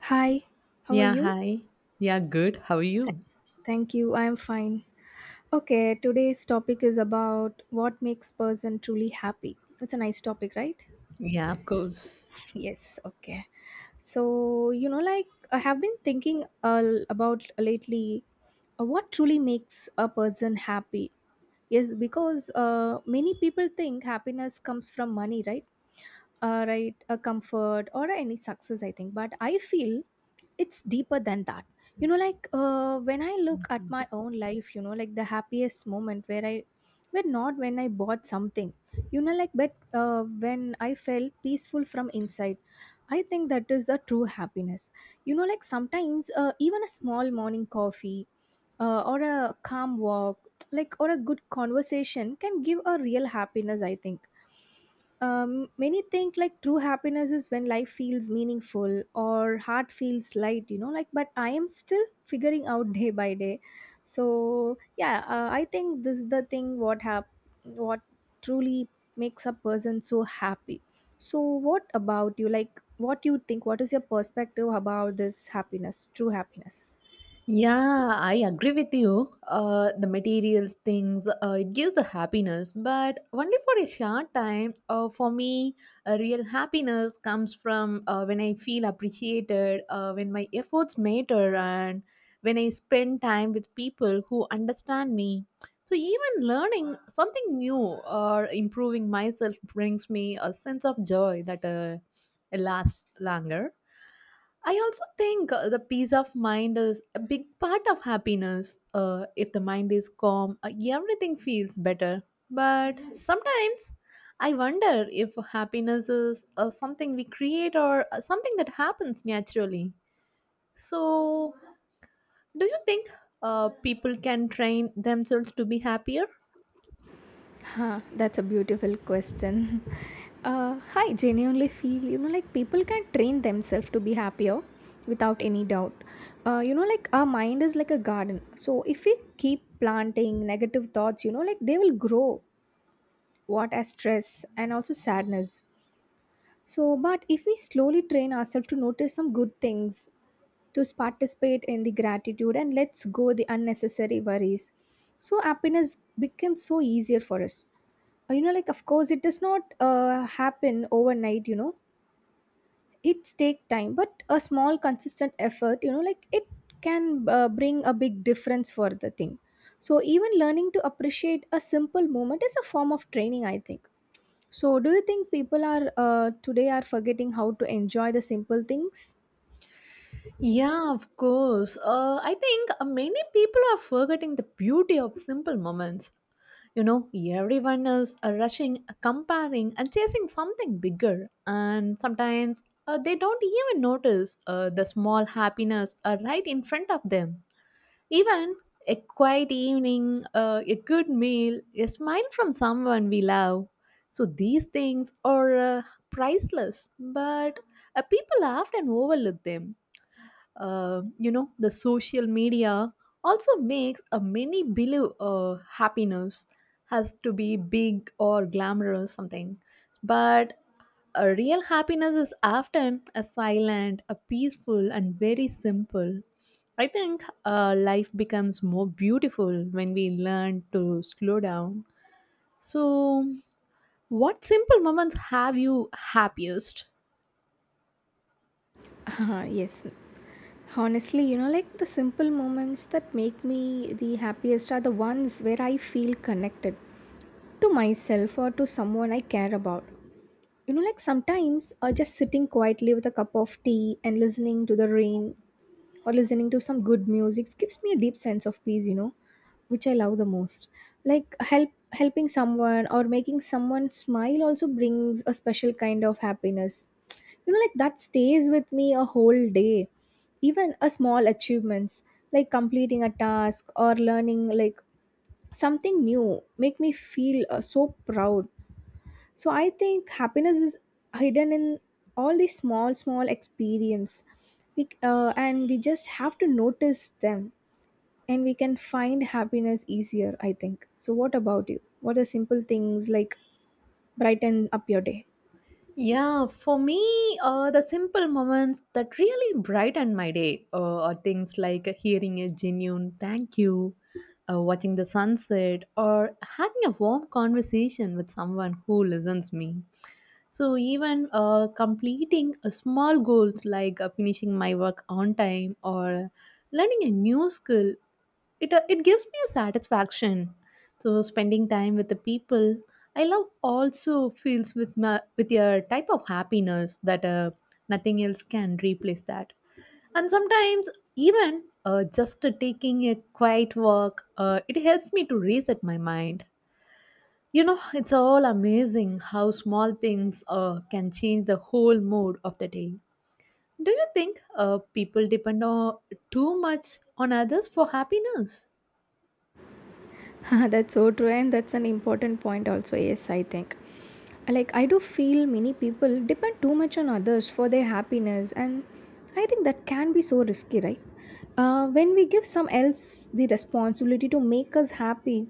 Hi, how are Yeah, you? hi. Yeah, good. How are Th- you? Thank you, I am fine. Okay, today's topic is about what makes person truly happy. It's a nice topic, right? Yeah, of course. Yes, okay. So, like I have been thinking about lately what truly makes a person happy. Yes, because many people think happiness comes from money, right? Right, a comfort or any success, I think. But I feel it's deeper than that, when I look at my own life, the happiest moment where I were not when I bought something, but when I felt peaceful from inside. I think that is the true happiness. Sometimes even a small morning coffee, or a calm walk, like, or a good conversation can give a real happiness, I think. Many think like true happiness is when life feels meaningful or heart feels light, but I am still figuring out day by day. So yeah, I think this is the thing, what truly makes a person so happy. So what about you? Like, what you think? What is your perspective about this happiness, true happiness? Yeah, I agree with you. The materials things, it gives a happiness, but only for a short time. For me, a real happiness comes from when I feel appreciated, when my efforts matter, and when I spend time with people who understand me. So, even learning something new or improving myself brings me a sense of joy that lasts longer. I also think the peace of mind is a big part of happiness. If the mind is calm, everything feels better. But sometimes I wonder if happiness is something we create or something that happens naturally. So, do you think people can train themselves to be happier? Huh, that's a beautiful question. I genuinely feel, like people can train themselves to be happier without any doubt. Like our mind is like a garden. So if we keep planting negative thoughts, like they will grow what as stress and also sadness. So, but if we slowly train ourselves to notice some good things, to participate in the gratitude and let's go the unnecessary worries. So happiness becomes so easier for us, like of course it does not happen overnight, it's take time but a small consistent effort, like it can bring a big difference for the thing. So even learning to appreciate a simple moment is a form of training, I think. So do you think people are today are forgetting how to enjoy the simple things? Yeah, of course. I think many people are forgetting the beauty of simple moments. You know, everyone is rushing, comparing, and chasing something bigger. And sometimes they don't even notice the small happiness right in front of them. Even a quiet evening, a good meal, a smile from someone we love. So these things are priceless, but people often overlook them, you know, the social media also makes a many believe happiness has to be big or glamorous something, but a real happiness is often a silent, a peaceful, and very simple, I think. Life becomes more beautiful when we learn to slow down. So what simple moments have you happiest? Yes. Honestly, like the simple moments that make me the happiest are the ones where I feel connected to myself or to someone I care about. Like sometimes just sitting quietly with a cup of tea and listening to the rain or listening to some good music gives me a deep sense of peace, which I love the most. Like helping someone or making someone smile also brings a special kind of happiness. Like that stays with me a whole day. Even a small achievements like completing a task or learning like something new make me feel so proud. So I think happiness is hidden in all these small small experience and we just have to notice them and we can find happiness easier, I think. So what about you? What are simple things like brighten up your day? Yeah, for me, the simple moments that really brighten my day are things like hearing a genuine thank you, watching the sunset, or having a warm conversation with someone who listens me. So even completing a small goals like finishing my work on time or learning a new skill, it gives me a satisfaction. So spending time with the people I love also feels with my with a type of happiness that nothing else can replace that. And sometimes even just taking a quiet walk, it helps me to reset my mind. You know, it's all amazing how small things can change the whole mood of the day. Do you think people depend on too much on others for happiness? That's so true, and that's an important point, also. Yes, I think. Like, I do feel many people depend too much on others for their happiness, and I think that can be so risky, right? When we give some else the responsibility to make us happy,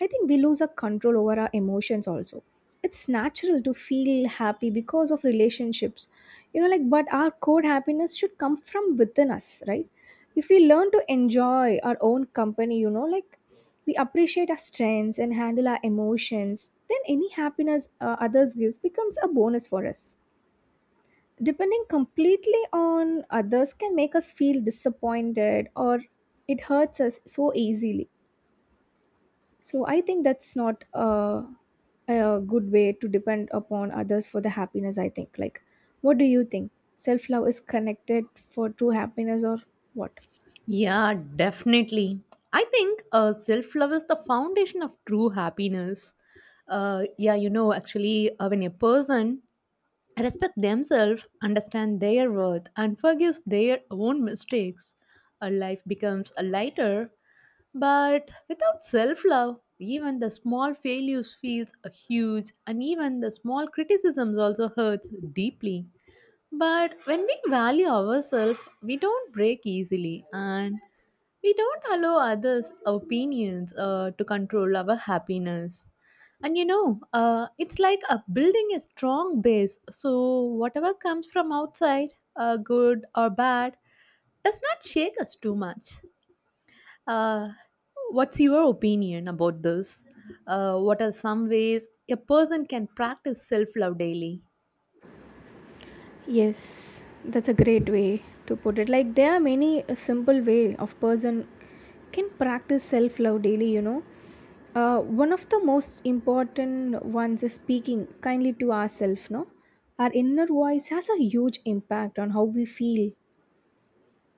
I think we lose our control over our emotions also. It's natural to feel happy because of relationships. Like, but our core happiness should come from within us, right? If we learn to enjoy our own company, like we appreciate our strengths and handle our emotions, then any happiness others gives becomes a bonus for us. Depending completely on others can make us feel disappointed or it hurts us so easily. So I think that's not a good way to depend upon others for the happiness, I think. Like, what do you think? Self love is connected for true happiness or what? Yeah, definitely. I think self love is the foundation of true happiness. Yeah, you know, actually, when a person respects themselves, understand their worth, and forgives their own mistakes, a life becomes a lighter. But without self love, even the small failures feels huge, and even the small criticisms also hurts deeply. But when we value ourselves, we don't break easily, and we don't allow others' opinions to control our happiness. And you know, it's like building a strong base. So, whatever comes from outside, good or bad, does not shake us too much. Uh, what's your opinion about this? What are some ways a person can practice self love daily? Yes, that's a great way to put it. Like there are many a simple way of person can practice self-love daily. One of the most important ones is speaking kindly to ourselves, no? Our inner voice has a huge impact on how we feel.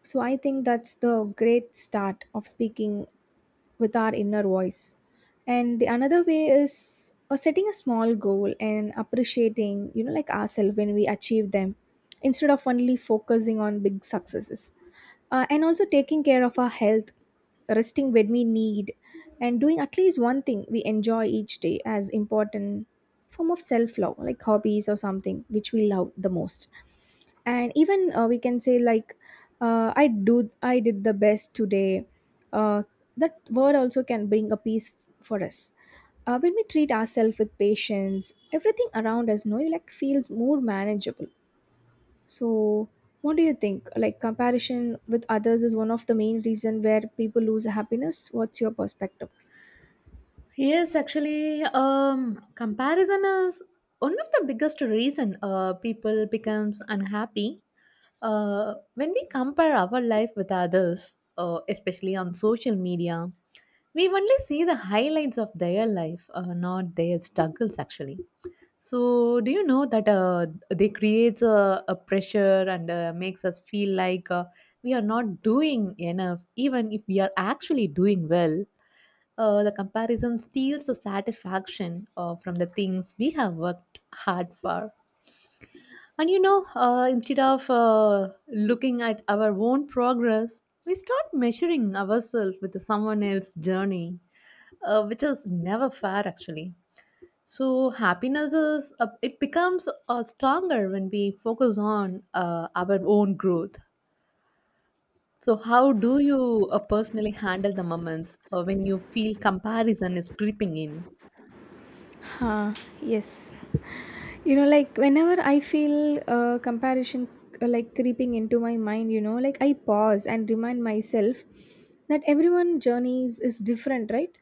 So I think that's the great start of speaking with our inner voice. And the another way is setting a small goal and appreciating ourselves when we achieve them, instead of only focusing on big successes. And also taking care of our health, resting when we need, and doing at least one thing we enjoy each day as important form of self love, like hobbies or something which we love the most. And even we can say like, I did the best today, uh, that word also can bring a peace for us. When we treat ourselves with patience, everything around us, no, like feels more manageable. So what do you think? Like, comparison with others is one of the main reason where people lose happiness. What's your perspective? Yes, actually, comparison is one of the biggest reason people becomes unhappy. When we compare our life with others, especially on social media, we only see the highlights of their life, not their struggles. Actually, so do you know that they creates a pressure and makes us feel like we are not doing enough, even if we are actually doing well. Uh, the comparison steals the satisfaction from the things we have worked hard for. And you know, instead of looking at our own progress, we start measuring ourselves with someone else's journey, which is never fair actually. So happiness is, it becomes stronger when we focus on our own growth. So how do you personally handle the moments when you feel comparison is creeping in? Huh, yes. Like whenever I feel comparison like creeping into my mind, like I pause and remind myself that everyone journeys is different, right?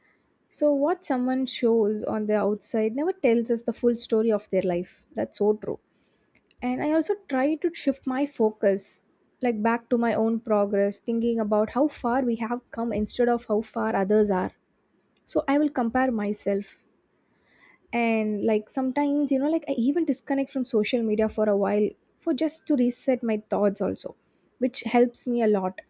So what someone shows on the outside never tells us the full story of their life. That's so true. And I also try to shift my focus like back to my own progress, thinking about how far we have come instead of how far others are. So I will compare myself, and like sometimes, like I even disconnect from social media for a while for just to reset my thoughts also, which helps me a lot.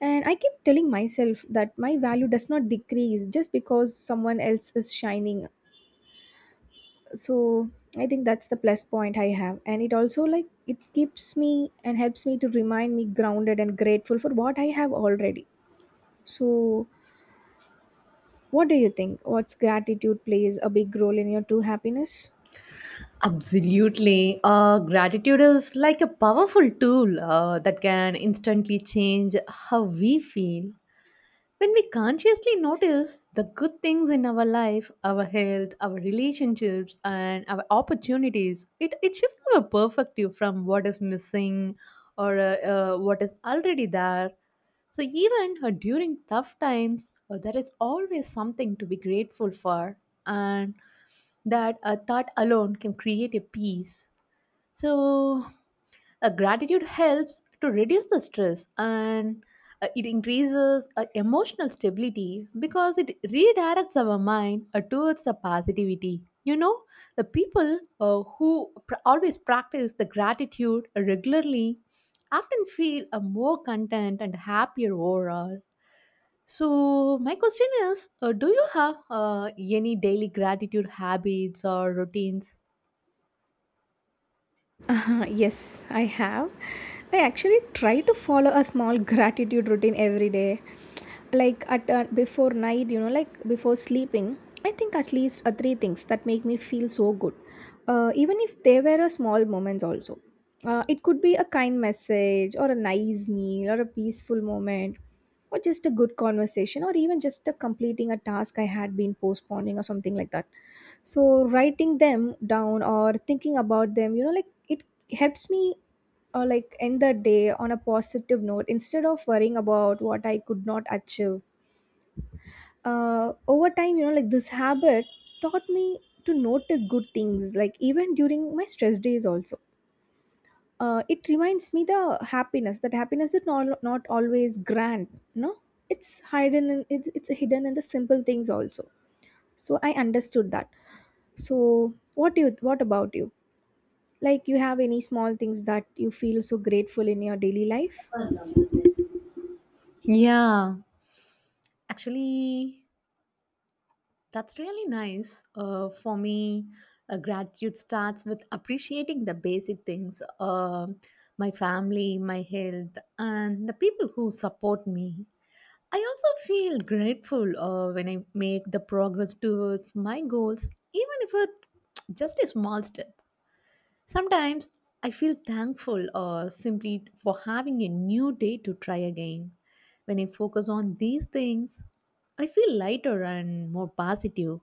And I keep telling myself that my value does not decrease just because someone else is shining. So I think that's the plus point I have, and it also like it keeps me and helps me to remind me grounded and grateful for what I have already. So what do you think? What's gratitude plays a big role in your true happiness? Absolutely. Gratitude is like a powerful tool that can instantly change how we feel. When we consciously notice the good things in our life, our health, our relationships, and our opportunities, it shifts our perspective from what is missing or what is already there. So, even during tough times, there is always something to be grateful for, and that a thought alone can create a peace. So, gratitude helps to reduce the stress, and it increases emotional stability because it redirects our mind towards the positivity. You know, the people always practice the gratitude regularly often feel more content and happier overall. So, my question is, do you have any daily gratitude habits or routines? Yes, I have. I actually try to follow a small gratitude routine every day. Like at before night, like before sleeping, I think at least three things that make me feel so good. Even if they were a small moments also. It could be a kind message or a nice meal or a peaceful moment or just a good conversation or even just a completing a task I had been postponing or something like that. So writing them down or thinking about them, like it helps me, like end the day on a positive note instead of worrying about what I could not achieve. Over time, like this habit taught me to notice good things like even during my stress days also. It reminds me the happiness that happiness is not, not always grand, no. It's hidden it's hidden in the simple things also. So I understood that. So what do you, what about you? Like, you have any small things that you feel so grateful in your daily life? Yeah, actually, that's really nice. For me, gratitude starts with appreciating the basic things, my family, my health, and the people who support me. I also feel grateful when I make the progress towards my goals, even if it's just a small step. Sometimes I feel thankful simply for having a new day to try again. When I focus on these things, I feel lighter and more positive.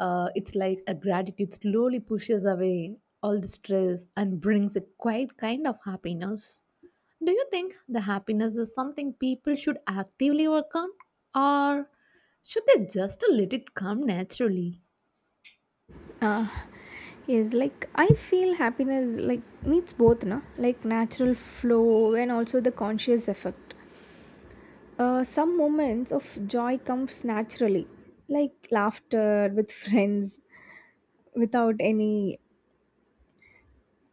It's like a gratitude slowly pushes away all the stress and brings a quiet kind of happiness. Do you think the happiness is something people should actively work on, or should they just let it come naturally? uh, yes, like I feel happiness like needs both na like natural flow and also the conscious effect. Some moments of joy comes naturally, like laughter with friends without any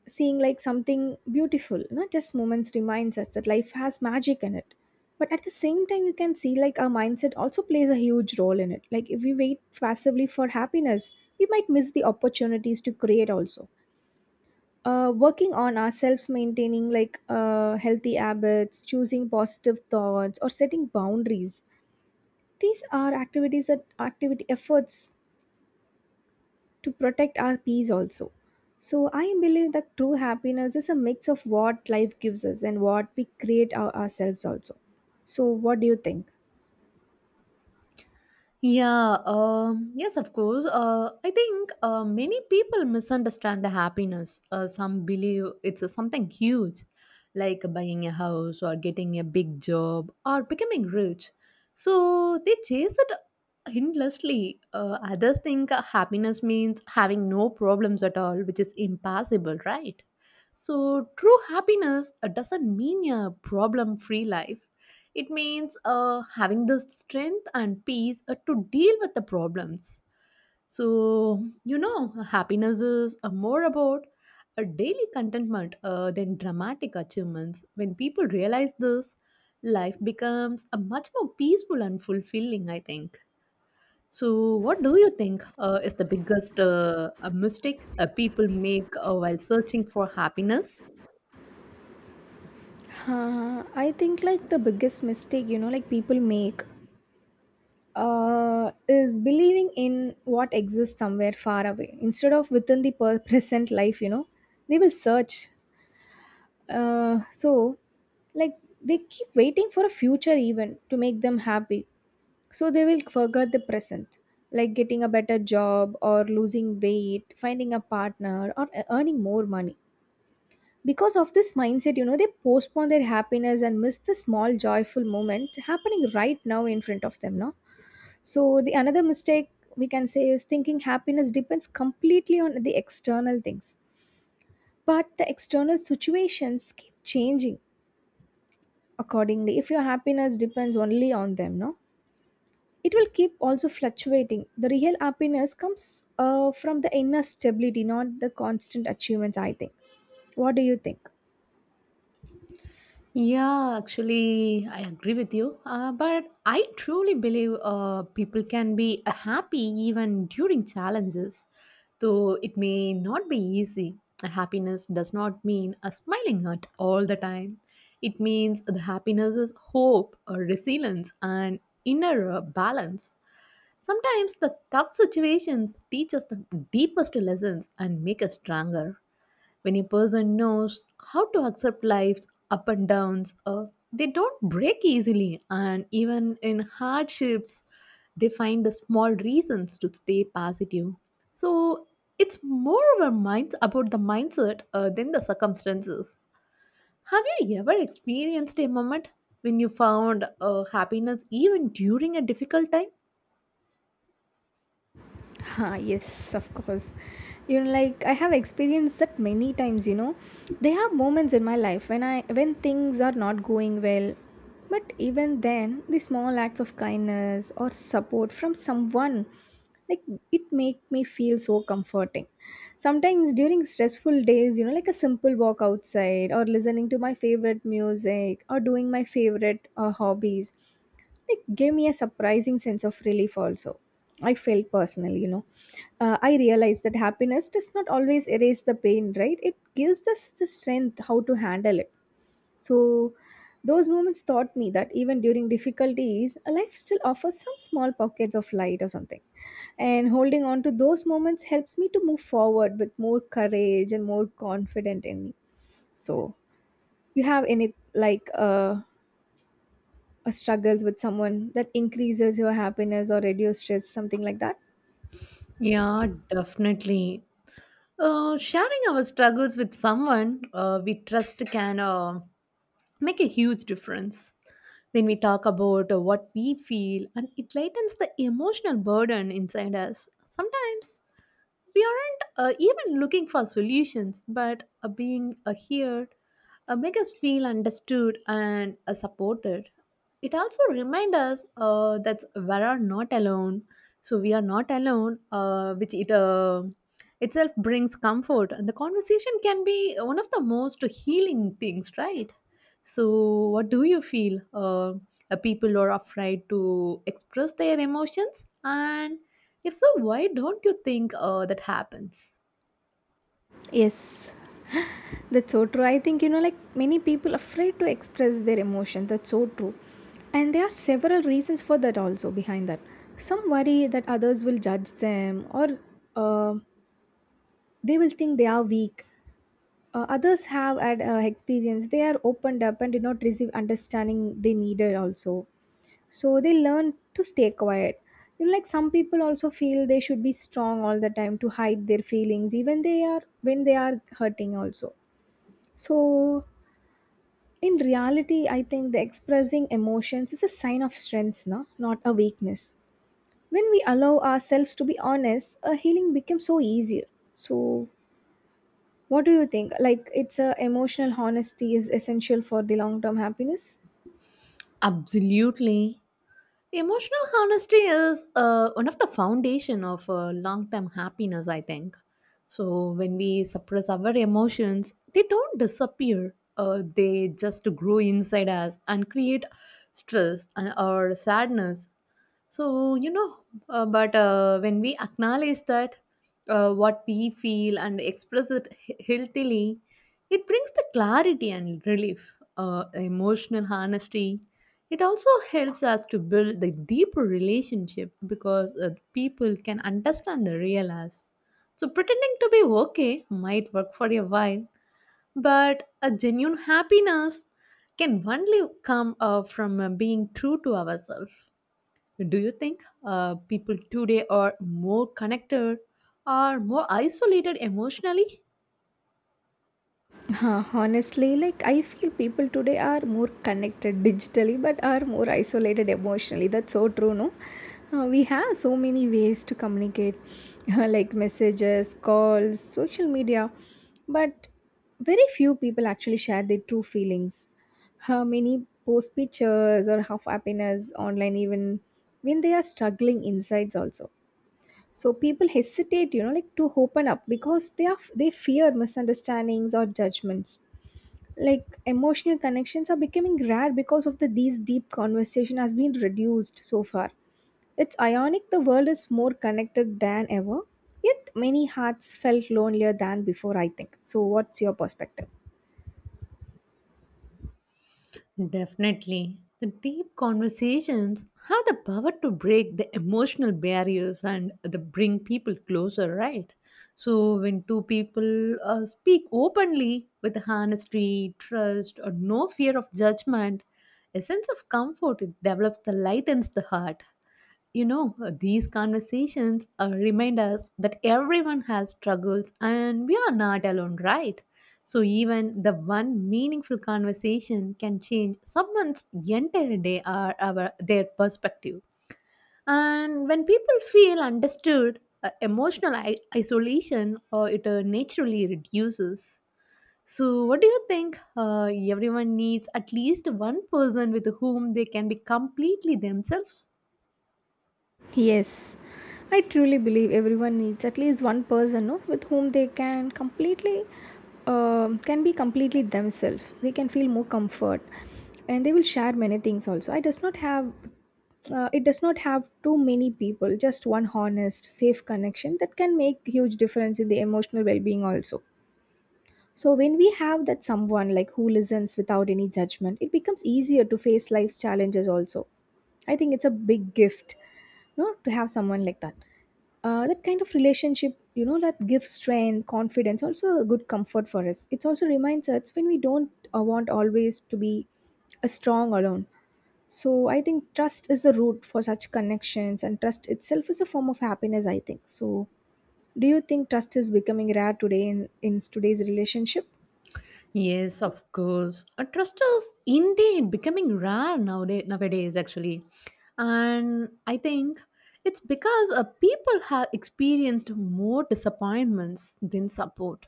seeing like something beautiful, not just moments reminds us that life has magic in it. But at the same time, you can see like our mindset also plays a huge role in it. Like if we wait passively for happiness, we might miss the opportunities to create also. Working on ourselves, maintaining like healthy habits, choosing positive thoughts or setting boundaries, these are activities that activity efforts to protect our peace also. So I believe that true happiness is a mix of what life gives us and what we create ourselves also. So what do you think? Yeah, yes, of course. I think many people misunderstand the happiness. Some believe it's something huge, like buying a house or getting a big job or becoming rich. So they chase it endlessly. Others think happiness means having no problems at all, which is impossible, right? So, true happiness doesn't mean a problem free life. It means having the strength and peace to deal with the problems. So, you know, happiness is, more about a daily contentment than dramatic achievements. When people realize this, life becomes a much more peaceful and fulfilling, I think. So, what do you think is the biggest mistake people make while searching for happiness? I think like the biggest mistake, people make, is believing in what exists somewhere far away instead of within the present life. They will search. So like they keep waiting for a future event to make them happy. So they will forget the present, like getting a better job or losing weight, finding a partner, or earning more money. Because of this mindset, they postpone their happiness and miss the small joyful moment happening right now in front of them, no? So the another mistake we can say is thinking happiness depends completely on the external things. But the external situations keep changing accordingly, if your happiness depends only on them, no? It will keep also fluctuating. The real happiness comes from the inner stability, not the constant achievements, I think. What do you think? Yeah, actually, I agree with you. But I truly believe people can be happy even during challenges, though it may not be easy. Happiness does not mean a smiling at all the time. It means the happiness is hope, resilience, and inner balance. Sometimes the tough situations teach us the deepest lessons and make us stronger. When a person knows how to accept life's up and downs, they don't break easily, and even in hardships, they find the small reasons to stay positive. So it's more of a mind about the mindset than the circumstances. Have you ever experienced a moment when you found happiness even during a difficult time? Ha, yes, of course. Like I have experienced that many times. There are moments in my life when I when things are not going well. But even then, the small acts of kindness or support from someone like it make me feel so comforting. Sometimes during stressful days, you know, like a simple walk outside or listening to my favorite music or doing my favorite hobbies, it gave me a surprising sense of relief also. I felt personal, you know. I realized that happiness does not always erase the pain, right? It gives us the strength how to handle it. So those moments taught me that even during difficulties, a life still offers some small pockets of light or something, and holding on to those moments helps me to move forward with more courage and more confident in me. So you have any, like uh, or struggles with someone that increases your happiness or reduce stress, something like that? Yeah, definitely. Sharing our struggles with someone we trust can make a huge difference. When we talk about what we feel, and it lightens the emotional burden inside us. Sometimes we aren't even looking for solutions, but being heard, make us feel understood and supported. It also reminds us that we are not alone. So we are not alone, which it itself brings comfort, and the conversation can be one of the most healing things, right? So, what do you feel? People are afraid to express their emotions, and if so, why don't you think that happens? Yes, that's so true. I think, you know, like many people afraid to express their emotion. That's so true, and there are several reasons for that also behind that. Some worry that others will judge them, or uh, they will think they are weak. Others have had experience they are opened up and did not receive understanding they needed also, so they learn to stay quiet. You know, like some people also feel they should be strong all the time to hide their feelings even they are when they are hurting also. So in reality, I think the expressing emotions is a sign of strength, na? Not a weakness. When we allow ourselves to be honest, a healing becomes so easier. So what do you think, like it's a emotional honesty is essential for the long term happiness? Absolutely. Emotional honesty is one of the foundation of long-term happiness, I think. So when we suppress our emotions, they don't disappear. They just grow inside us and create stress and or sadness. So, you know, but when we acknowledge that what we feel and express it healthily, it brings the clarity and relief, emotional honesty. It also helps us to build the deeper relationship because people can understand the real us. So, pretending to be okay might work for a while, but a genuine happiness can only come from being true to ourselves. Do you think people today are more connected or more isolated emotionally? Huh? Honestly, like I feel people today are more connected digitally but are more isolated emotionally. That's so true, no? We have so many ways to communicate, like messages, calls, social media, but very few people actually share their true feelings. How many post pictures or half happiness online, even when they are struggling insides, also. So people hesitate, you know, like to open up because they fear misunderstandings or judgments. Like emotional connections are becoming rare because of the these deep conversation has been reduced so far. It's ironic, the world is more connected than ever, yet many hearts felt lonelier than before, I think. So what's your perspective? Definitely. The deep conversations have the power to break the emotional barriers and the bring people closer, right? So when two people speak openly with honesty, trust, or no fear of judgment, a sense of comfort it develops that lightens the heart. You know, these conversations remind us that everyone has struggles and we are not alone, right? So, even the one meaningful conversation can change someone's entire day or their perspective. And when people feel understood, emotional isolation or it naturally reduces. So, what do you think? Everyone needs at least one person with whom they can be completely themselves. Yes, I truly believe everyone needs at least one person, no, with whom they can completely can be completely themselves. They can feel more comfort, and they will share many things also. I does not have it does not have too many people. Just one honest, safe connection that can make huge difference in the emotional well being also. So when we have that someone like who listens without any judgment, it becomes easier to face life's challenges also. I think it's a big gift, no, to have someone like that. That kind of relationship, you know, that gives strength, confidence, also a good comfort for us. It also reminds us when we don't want always to be a strong alone. So I think trust is the root for such connections, and trust itself is a form of happiness, I think so. Do you think trust is becoming rare today in today's relationship? Yes, of course. Trust is indeed becoming rare nowadays actually. And I think it's because people have experienced more disappointments than support.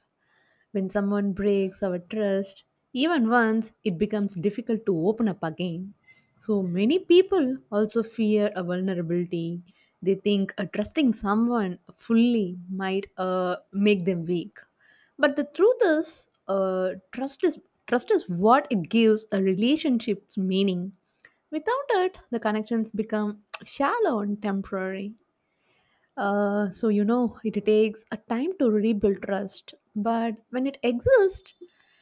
When someone breaks our trust, even once, it becomes difficult to open up again. So many people also fear a vulnerability. They think trusting someone fully might make them weak. But the truth is, trust is what it gives a relationship's meaning. Without it, the connections become shallow and temporary. So it takes a time to rebuild trust, but when it exists,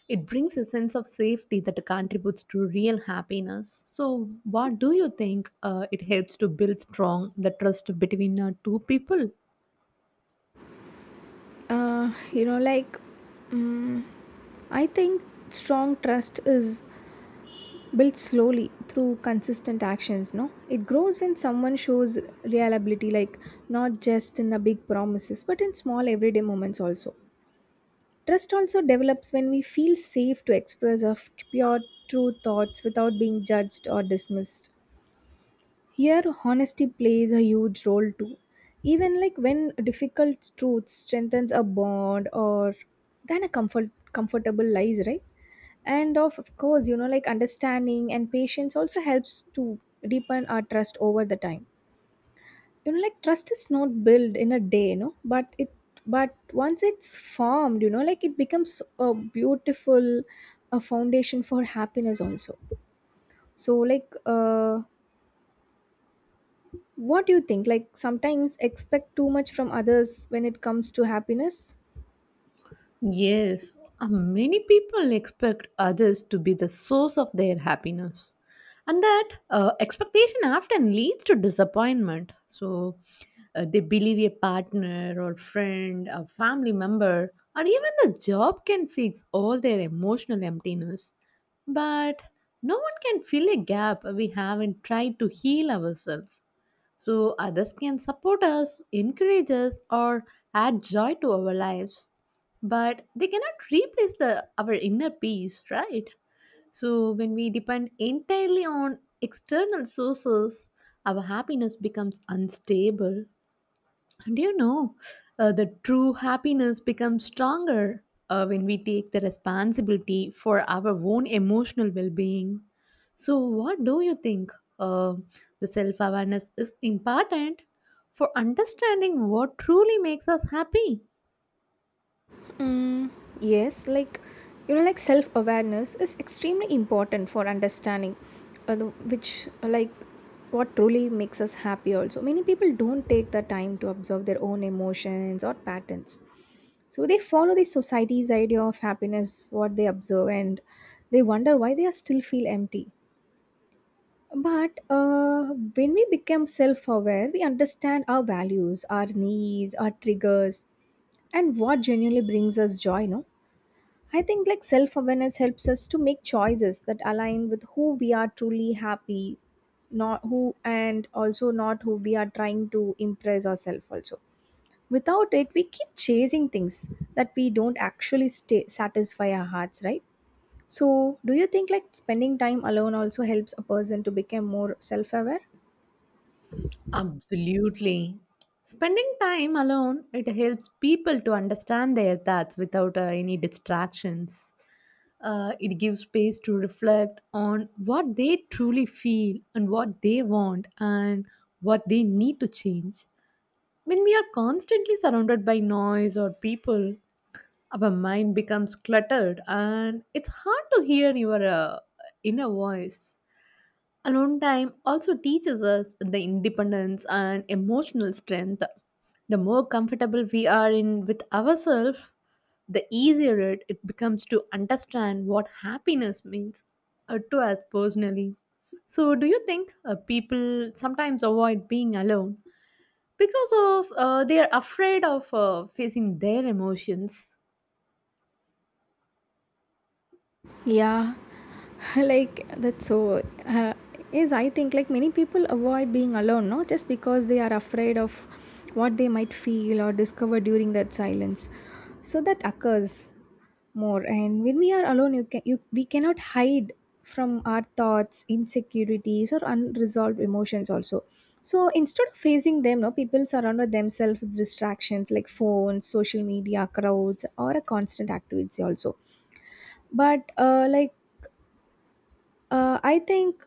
it brings a sense of safety that contributes to real happiness. So, what do you think it helps to build strong the trust between two people? You know, like, mm I think strong trust is built slowly through consistent actions, no? It grows when someone shows reliability, like not just in the big promises but in small everyday moments also. Trust also develops when we feel safe to express our pure true thoughts without being judged or dismissed. Here, honesty plays a huge role too. Even like when difficult truths strengthens a bond or than a comfortable lies, right? And of course, you know, like understanding and patience also helps to deepen our trust over the time. You know, like trust is not built in a day, you know, but once it's formed, you know, like it becomes a beautiful a foundation for happiness also. So. What do you think? Like sometimes expect too much from others when it comes to happiness? Yes, many people expect others to be the source of their happiness. And that expectation often leads to disappointment. So they believe a partner or friend, a family member, or even the job can fix all their emotional emptiness. But no one can fill a gap we haven't tried to heal ourselves. So others can support us, encourage us, or add joy to our lives, but they cannot replace the our inner peace, right? So when we depend entirely on external sources, our happiness becomes unstable. Do you know the true happiness becomes stronger when we take the responsibility for our own emotional well being? So, what do you think? Uh, the self awareness is important for understanding what truly makes us happy. Mm, yes, like you know, like self awareness is extremely important for understanding the- which like what truly makes us happy. Also, many people don't take the time to observe their own emotions or patterns, so they follow the society's idea of happiness, what they observe, and they wonder why they are still feel empty. But when we become self aware, we understand our values, our needs, our triggers, and what genuinely brings us joy. No, I think like self awareness helps us to make choices that align with who we are truly happy, not who, and also not who we are trying to impress ourselves. Also, without it, we keep chasing things that we don't actually stay, satisfy our hearts, right? So, do you think like spending time alone also helps a person to become more self aware? Absolutely. Spending time alone, it helps people to understand their thoughts without any distractions. It gives space to reflect on what they truly feel and what they want and what they need to change. When we are constantly surrounded by noise or people, our mind becomes cluttered and it's hard to hear your inner voice. Alone time also teaches us the independence and emotional strength. The more comfortable we are in with ourselves, the easier it becomes to understand what happiness means to us personally. So, do you think people sometimes avoid being alone because of they are afraid of facing their emotions? Yeah, like that's so. Is I think like many people avoid being alone, no, just because they are afraid of what they might feel or discover during that silence. So that occurs more, and when we are alone, you can you we cannot hide from our thoughts, insecurities, or unresolved emotions also. So instead of facing them, no, people surround with themselves with distractions like phones, social media, crowds, or a constant activity also. But I think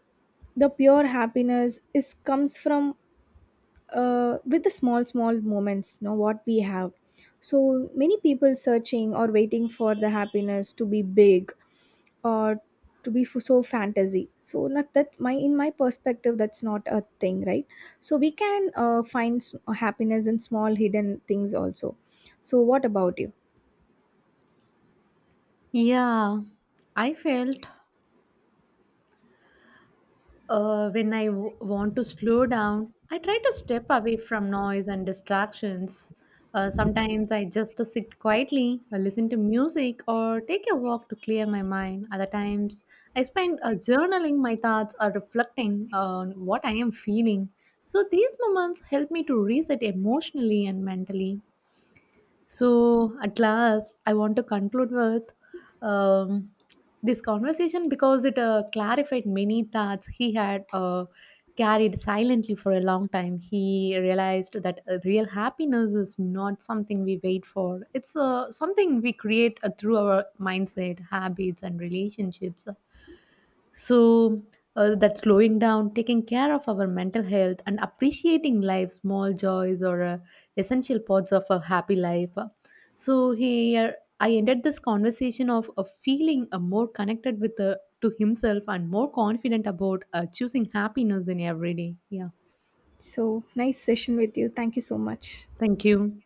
the pure happiness is comes from with the small small moments, you know, what we have. So many people searching or waiting for the happiness to be big or to be so fantasy. So not that, my in my perspective, that's not a thing, right? So we can find happiness in small hidden things also. So what about you? Yeah, I felt. When I want to slow down, I try to step away from noise and distractions. Sometimes I just sit quietly, listen to music, or take a walk to clear my mind. Other times, I spend journaling my thoughts or reflecting on what I am feeling. So, these moments help me to reset emotionally and mentally. So, at last, I want to conclude with um, this conversation because it clarified many thoughts he had carried silently for a long time. He realized that real happiness is not something we wait for, it's something we create through our mindset, habits, and relationships. So, that slowing down, taking care of our mental health, and appreciating life's small joys or essential parts of a happy life. So here I ended this conversation of feeling more connected with to himself and more confident about choosing happiness in every day. Yeah. So nice session with you, thank you so much. Thank you.